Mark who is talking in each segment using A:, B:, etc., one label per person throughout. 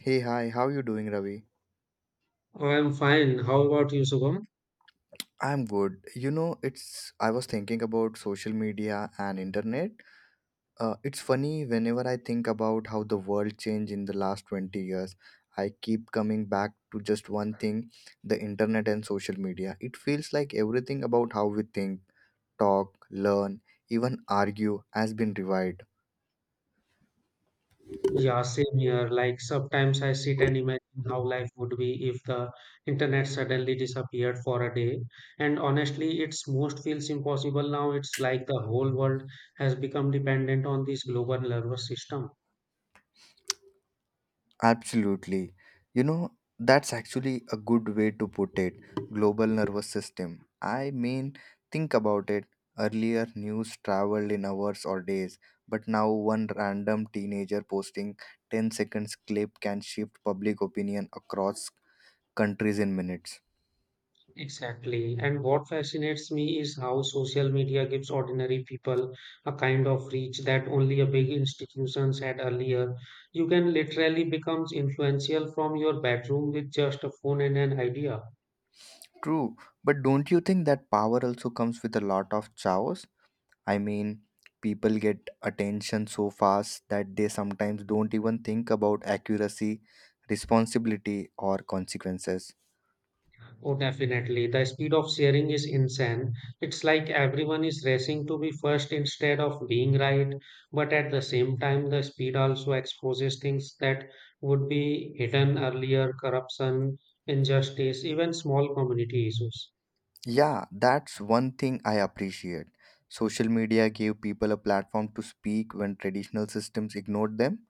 A: Hey, hi, how you doing, Ravi?
B: Oh, I'm fine. How about you, Shubham?
A: I'm good. You know, it's I was thinking about social media and internet. It's funny whenever I think about how the world changed in the last 20 years. I keep coming back to just one thing, the internet and social media. It feels like everything about how we think, talk, learn, even argue has been revived.
B: Yeah, same here. Like sometimes I sit and imagine how life would be if the internet suddenly disappeared for a day. And honestly, it's most feels impossible now. It's like the whole world has become dependent on this global nervous system.
A: Absolutely. You know, that's actually a good way to put it. Global nervous system. I mean, think about it. Earlier, news traveled in hours or days, but now one random teenager posting 10 seconds clip can shift public opinion across countries in minutes.
B: Exactly. And what fascinates me is how social media gives ordinary people a kind of reach that only a big institutions had earlier. You can literally become influential from your bedroom with just a phone and an idea.
A: True, but don't you think that power also comes with a lot of chaos? I mean, people get attention so fast that they sometimes don't even think about accuracy, responsibility, or consequences.
B: Oh, definitely. The speed of sharing is insane. It's like everyone is racing to be first instead of being right. But at the same time, the speed also exposes things that would be hidden earlier corruption, injustice, even small community issues.
A: Yeah, that's one thing I appreciate. Social media gave people a platform to speak when traditional systems ignored them.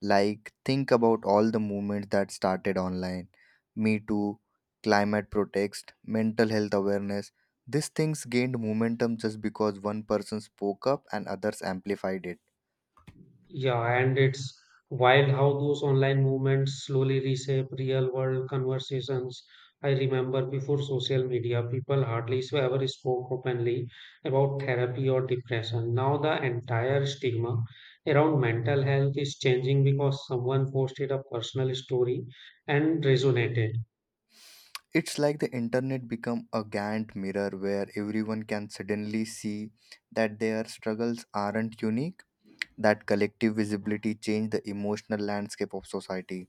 A: Like, think about all the movements that started online: Me Too, climate protest, mental health awareness. These things gained momentum just because one person spoke up and others amplified it.
B: Yeah, and it's wild how those online movements slowly reshape real world conversations. I remember before social media, people hardly so ever spoke openly about therapy or depression. Now the entire stigma around mental health is changing because someone posted a personal story and resonated.
A: It's like the internet become a Gantt mirror where everyone can suddenly see that their struggles aren't unique, that collective visibility changed the emotional landscape of society.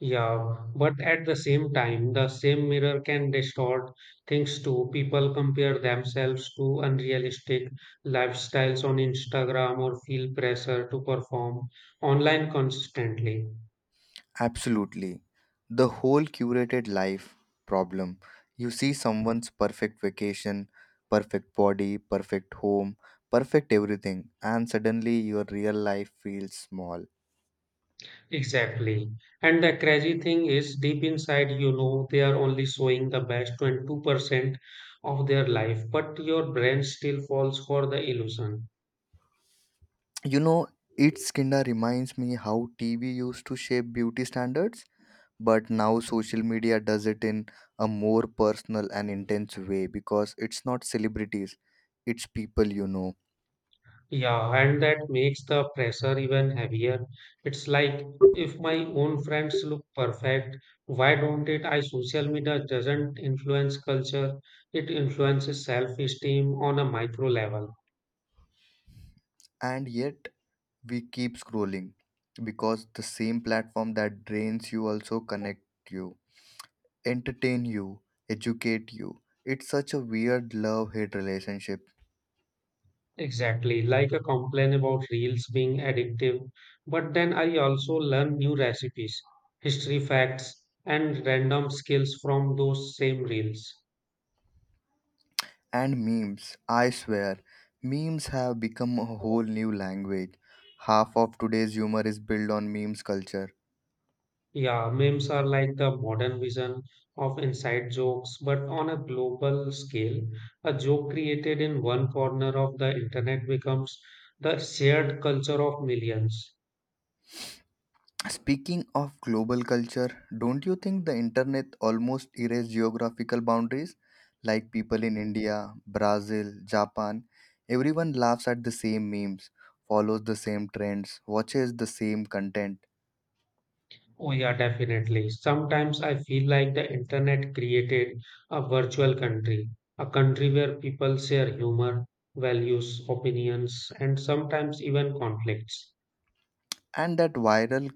B: Yeah, but at the same time, the same mirror can distort things too. People compare themselves to unrealistic lifestyles on Instagram or feel pressure to perform online constantly.
A: Absolutely. The whole curated life problem. You see someone's perfect vacation, perfect body, perfect home, perfect everything, and suddenly your real life feels small.
B: Exactly. And the crazy thing is, deep inside, you know, they are only showing the best 22% of their life, but your brain still falls for the illusion.
A: You know, its kinda reminds me how TV used to shape beauty standards, but now social media does it in a more personal and intense way because it's not celebrities, it's people you know.
B: Yeah, and that makes the pressure even heavier. It's like if my own friends look perfect, why don't it? I social media doesn't influence culture, it influences self-esteem on a micro level.
A: And yet we keep scrolling because the same platform that drains you also connect you, entertain you, educate you. It's such a weird love hate relationship.
B: Exactly, like a complaint about reels being addictive. But then I also learn new recipes, history facts, and random skills from those same reels.
A: And memes, I swear, memes have become a whole new language. Half of today's humor is built on memes culture.
B: Yeah, memes are like the modern vision of inside jokes, but on a global scale. A joke created in one corner of the internet becomes the shared culture of millions.
A: Speaking of global culture, don't you think the internet almost erased geographical boundaries? Like people in India, Brazil, Japan, everyone laughs at the same memes, follows the same trends, watches the same content,
B: Oh, yeah, definitely. Sometimes I feel like the internet created a virtual country, a country where people share humor, values, opinions, and sometimes even conflicts.
A: and that viral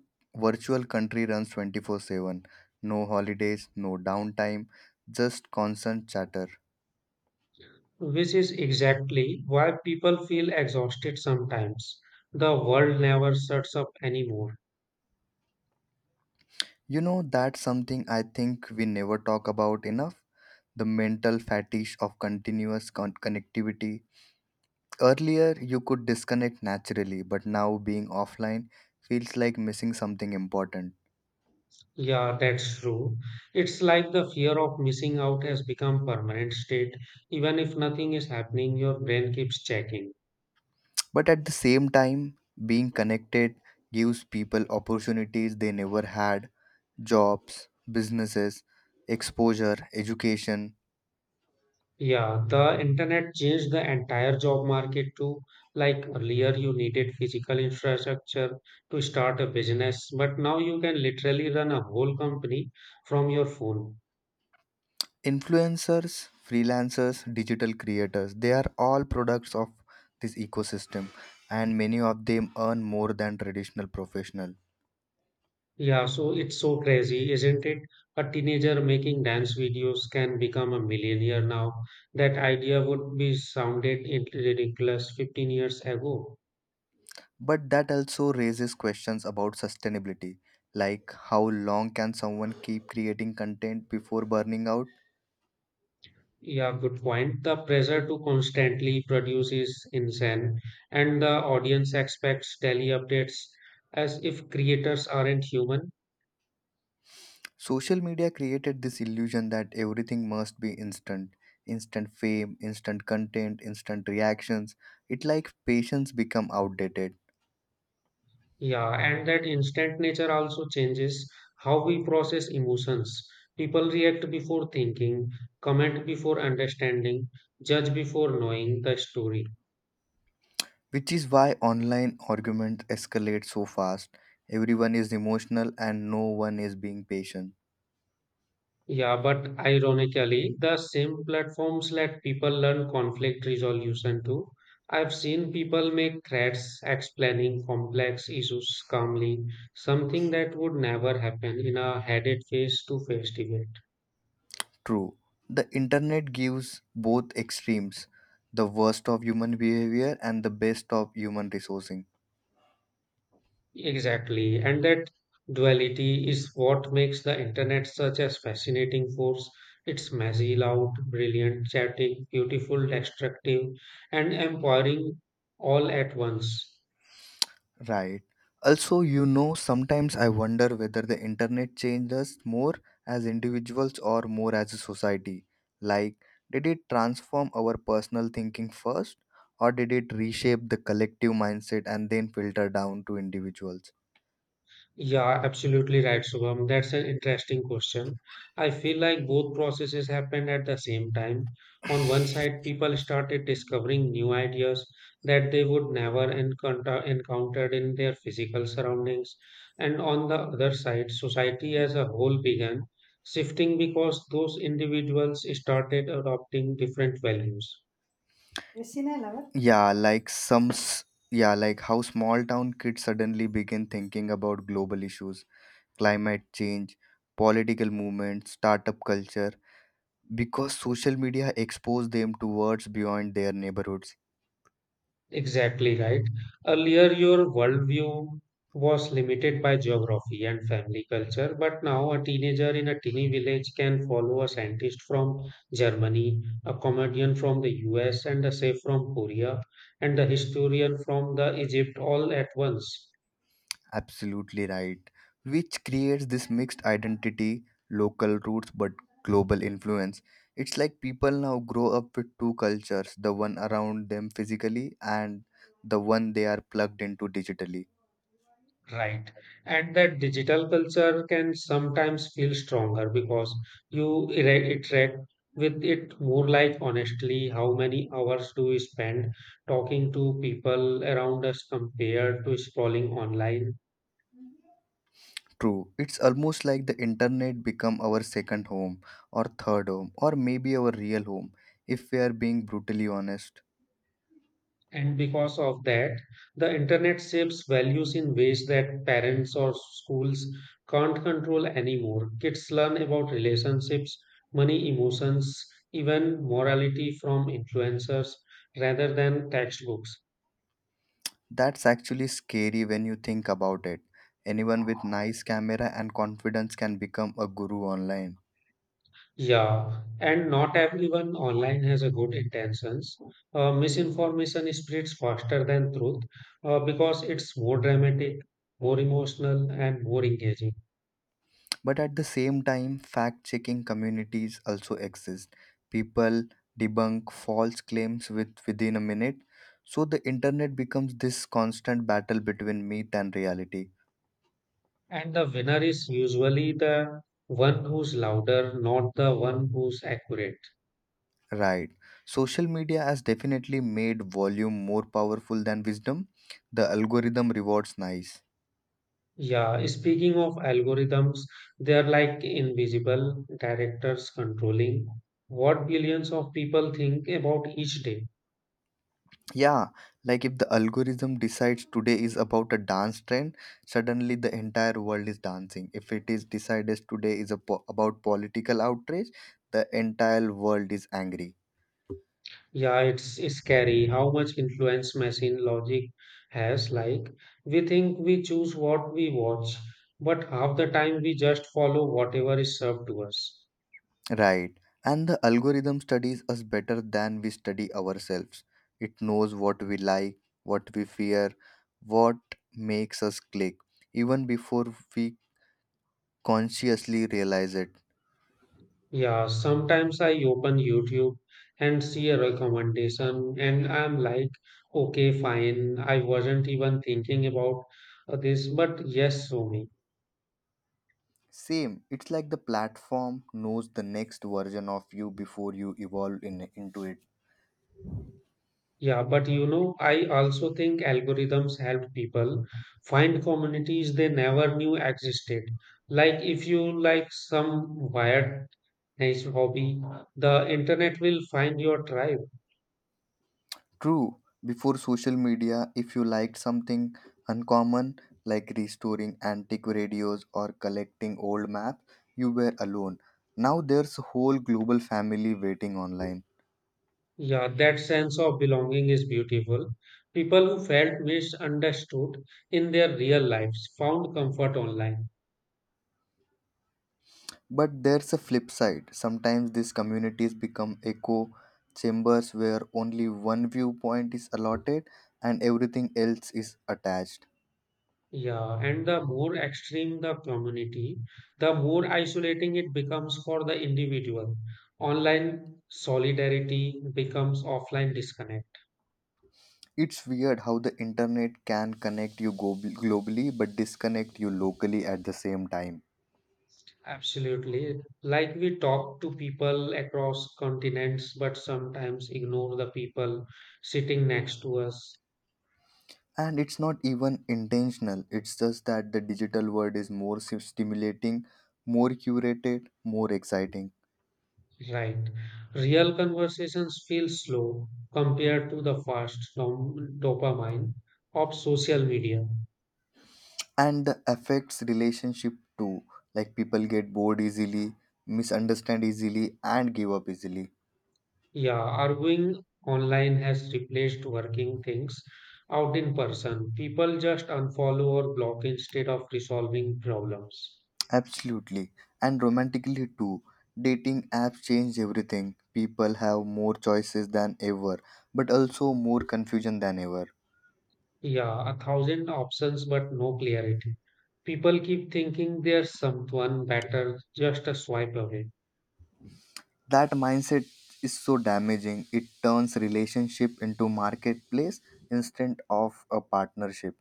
A: virtual country runs 24/7. No holidays, no downtime, just constant chatter.
B: Which is exactly why people feel exhausted sometimes. The world never shuts up anymore.
A: You know, that's something I think we never talk about enough, the mental fatigue of continuous connectivity. Earlier, you could disconnect naturally, but now being offline feels like missing something important.
B: Yeah, that's true. It's like the fear of missing out has become permanent state. Even if nothing is happening, your brain keeps checking.
A: But at the same time, being connected gives people opportunities they never had: jobs, businesses, exposure, education.
B: Yeah, the internet changed the entire job market too. Like earlier, you needed physical infrastructure to start a business, but now you can literally run a whole company from your phone.
A: Influencers, freelancers, digital creators, they are all products of this ecosystem, and many of them earn more than traditional professional.
B: Yeah, so it's so crazy, isn't it? A teenager making dance videos can become a millionaire now. That idea would be sounded ridiculous 15 years ago.
A: But that also raises questions about sustainability, like how long can someone keep creating content before burning out?
B: Yeah, good point. The pressure to constantly produce is insane, and the audience expects daily updates as if creators aren't human.
A: Social media created this illusion that everything must be instant, instant fame, instant content, instant reactions. It like patience become outdated,
B: Yeah, and that instant nature also changes how we process emotions. People react before thinking, comment before understanding, judge before knowing the story.
A: which is why online arguments escalate so fast. Everyone is emotional and no one is being patient.
B: Yeah, but ironically, the same platforms let people learn conflict resolution too. I've seen people make threats explaining complex issues calmly, something that would never happen in a headed face to face debate.
A: True. The internet gives both extremes, the worst of human behavior and the best of human resourcing.
B: Exactly, and that duality is what makes the internet such a fascinating force. It's messy, loud, brilliant, chaotic, beautiful, destructive, and empowering all at once.
A: Right. Also, you know, sometimes I wonder whether the internet changed us more as individuals or more as a society. Like, did it transform our personal thinking first, or did it reshape the collective mindset and then filter down to individuals?
B: Yeah, absolutely right, Shubham. That's an interesting question. I feel like both processes happened at the same time. On one side, people started discovering new ideas that they would never encounter encountered in their physical surroundings. And on the other side, society as a whole began shifting because those individuals started adopting different values.
A: Christina Lover? Yeah, like how small town kids suddenly begin thinking about global issues, climate change, political movements, startup culture because social media exposed them to words beyond their neighborhoods.
B: Exactly right. Earlier, your worldview was limited by geography and family culture, but now a teenager in a teeny village can follow a scientist from Germany, a comedian from the US, and a chef from Korea, and a historian from the Egypt all at once.
A: Absolutely right. Which creates this mixed identity, local roots but global influence. It's like people now grow up with two cultures, the one around them physically and the one they are plugged into digitally.
B: Right. And that digital culture can sometimes feel stronger because you interact with it more. Like honestly, how many hours do we spend talking to people around us compared to scrolling online?
A: True. It's almost like the internet become our second home, or third home, or maybe our real home if we are being brutally honest.
B: And because of that, the internet shapes values in ways that parents or schools can't control anymore. Kids learn about relationships, money, emotions, even morality from influencers rather than textbooks.
A: That's actually scary when you think about it. Anyone with nice camera and confidence can become a guru online.
B: Yeah, and not everyone online has a good intentions. Misinformation spreads faster than truth because it's more dramatic, more emotional, and more engaging.
A: But at the same time, fact-checking communities also exist. People debunk false claims with within a minute. So the internet becomes this constant battle between myth and reality.
B: And the winner is usually the one who's louder, not the one who's accurate.
A: Right. Social media has definitely made volume more powerful than wisdom. The algorithm rewards nice.
B: Yeah, speaking of algorithms, they are like invisible directors controlling what billions of people think about each day.
A: Yeah, like if the algorithm decides today is about a dance trend, suddenly the entire world is dancing. If it is decided today is a about political outrage, the entire world is angry.
B: Yeah, it's scary how much influence machine logic has. Like, we think we choose what we watch, but half the time we just follow whatever is served to us.
A: Right. And the algorithm studies us better than we study ourselves. It knows what we like, what we fear, what makes us click, even before we consciously realize it.
B: Yeah, sometimes I open YouTube and see a recommendation, and I'm like, okay, fine. I wasn't even thinking about this, but yes, Somi.
A: Same, it's like the platform knows the next version of you before you evolve into it.
B: Yeah, but you know, I also think algorithms help people find communities they never knew existed. Like if you like some weird nice hobby, the internet will find your tribe.
A: True, before social media, if you liked something uncommon like restoring antique radios or collecting old maps, you were alone. Now there's a whole global family waiting online.
B: Yeah, that sense of belonging is beautiful. People who felt misunderstood in their real lives found comfort online.
A: But there's a flip side. Sometimes these communities become echo chambers where only one viewpoint is allotted and everything else is attached.
B: Yeah, and the more extreme the community, the more isolating it becomes for the individual. Online solidarity becomes offline disconnect.
A: It's weird how the internet can connect you globally but disconnect you locally at the same time.
B: Absolutely. Like we talk to people across continents, but sometimes ignore the people sitting next to us.
A: And it's not even intentional, it's just that the digital world is more stimulating, more curated, more exciting.
B: Right. Real conversations feel slow compared to the fast dopamine of social media.
A: And the affects relationship too, like people get bored easily, misunderstand easily, and give up easily.
B: Yeah, arguing online has replaced working things out in person. People just unfollow or block instead of resolving problems.
A: Absolutely. And romantically too, dating apps change everything, people have more choices than ever, but also more confusion than ever.
B: Yeah, 1,000 options but no clarity. People keep thinking there's someone better just a swipe away.
A: That mindset is so damaging, it turns relationship into marketplace instead of a partnership.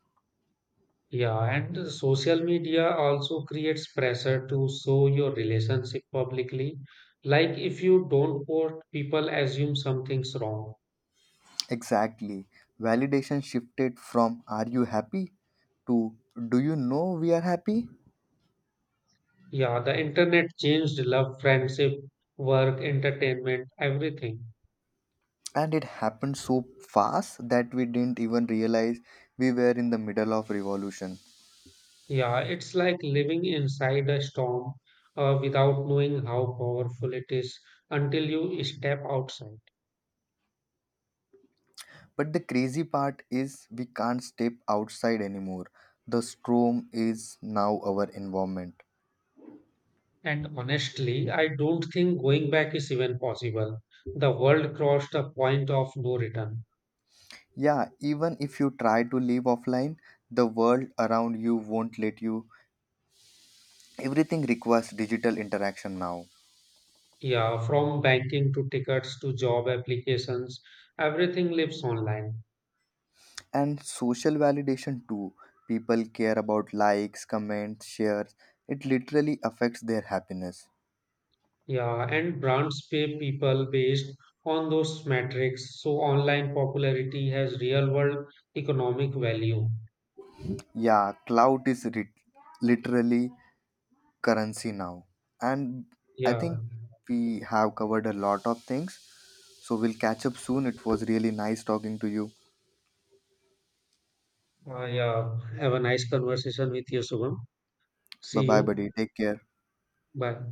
B: Yeah, and the social media also creates pressure to show your relationship publicly. Like if you don't post, people assume something's wrong.
A: Exactly, validation shifted from "are you happy" to "do you know we are happy."
B: Yeah, the internet changed love, friendship, work, entertainment, everything.
A: And it happened so fast that we didn't even realize we were in the middle of revolution.
B: Yeah, it's like living inside a storm without knowing how powerful it is until you step outside.
A: But the crazy part is we can't step outside anymore, the storm is now our environment.
B: And honestly, I don't think going back is even possible. The world crossed a point of no return.
A: Yeah, even if you try to live offline, the world around you won't let you. Everything requires digital interaction now.
B: Yeah, from banking to tickets to job applications, everything lives online.
A: And social validation too. People care about likes, comments, shares. It literally affects their happiness.
B: Yeah, and brands pay people based on those metrics. So online popularity has real world economic value.
A: Yeah, clout is literally currency now. And I
B: Yeah,
A: think we have covered a lot of things. So we'll catch up soon. It was really nice talking to you.
B: yeah. Have a nice conversation with you, Shubham.
A: Bye
B: See
A: bye, buddy.
B: you.
A: Take care.
B: Bye.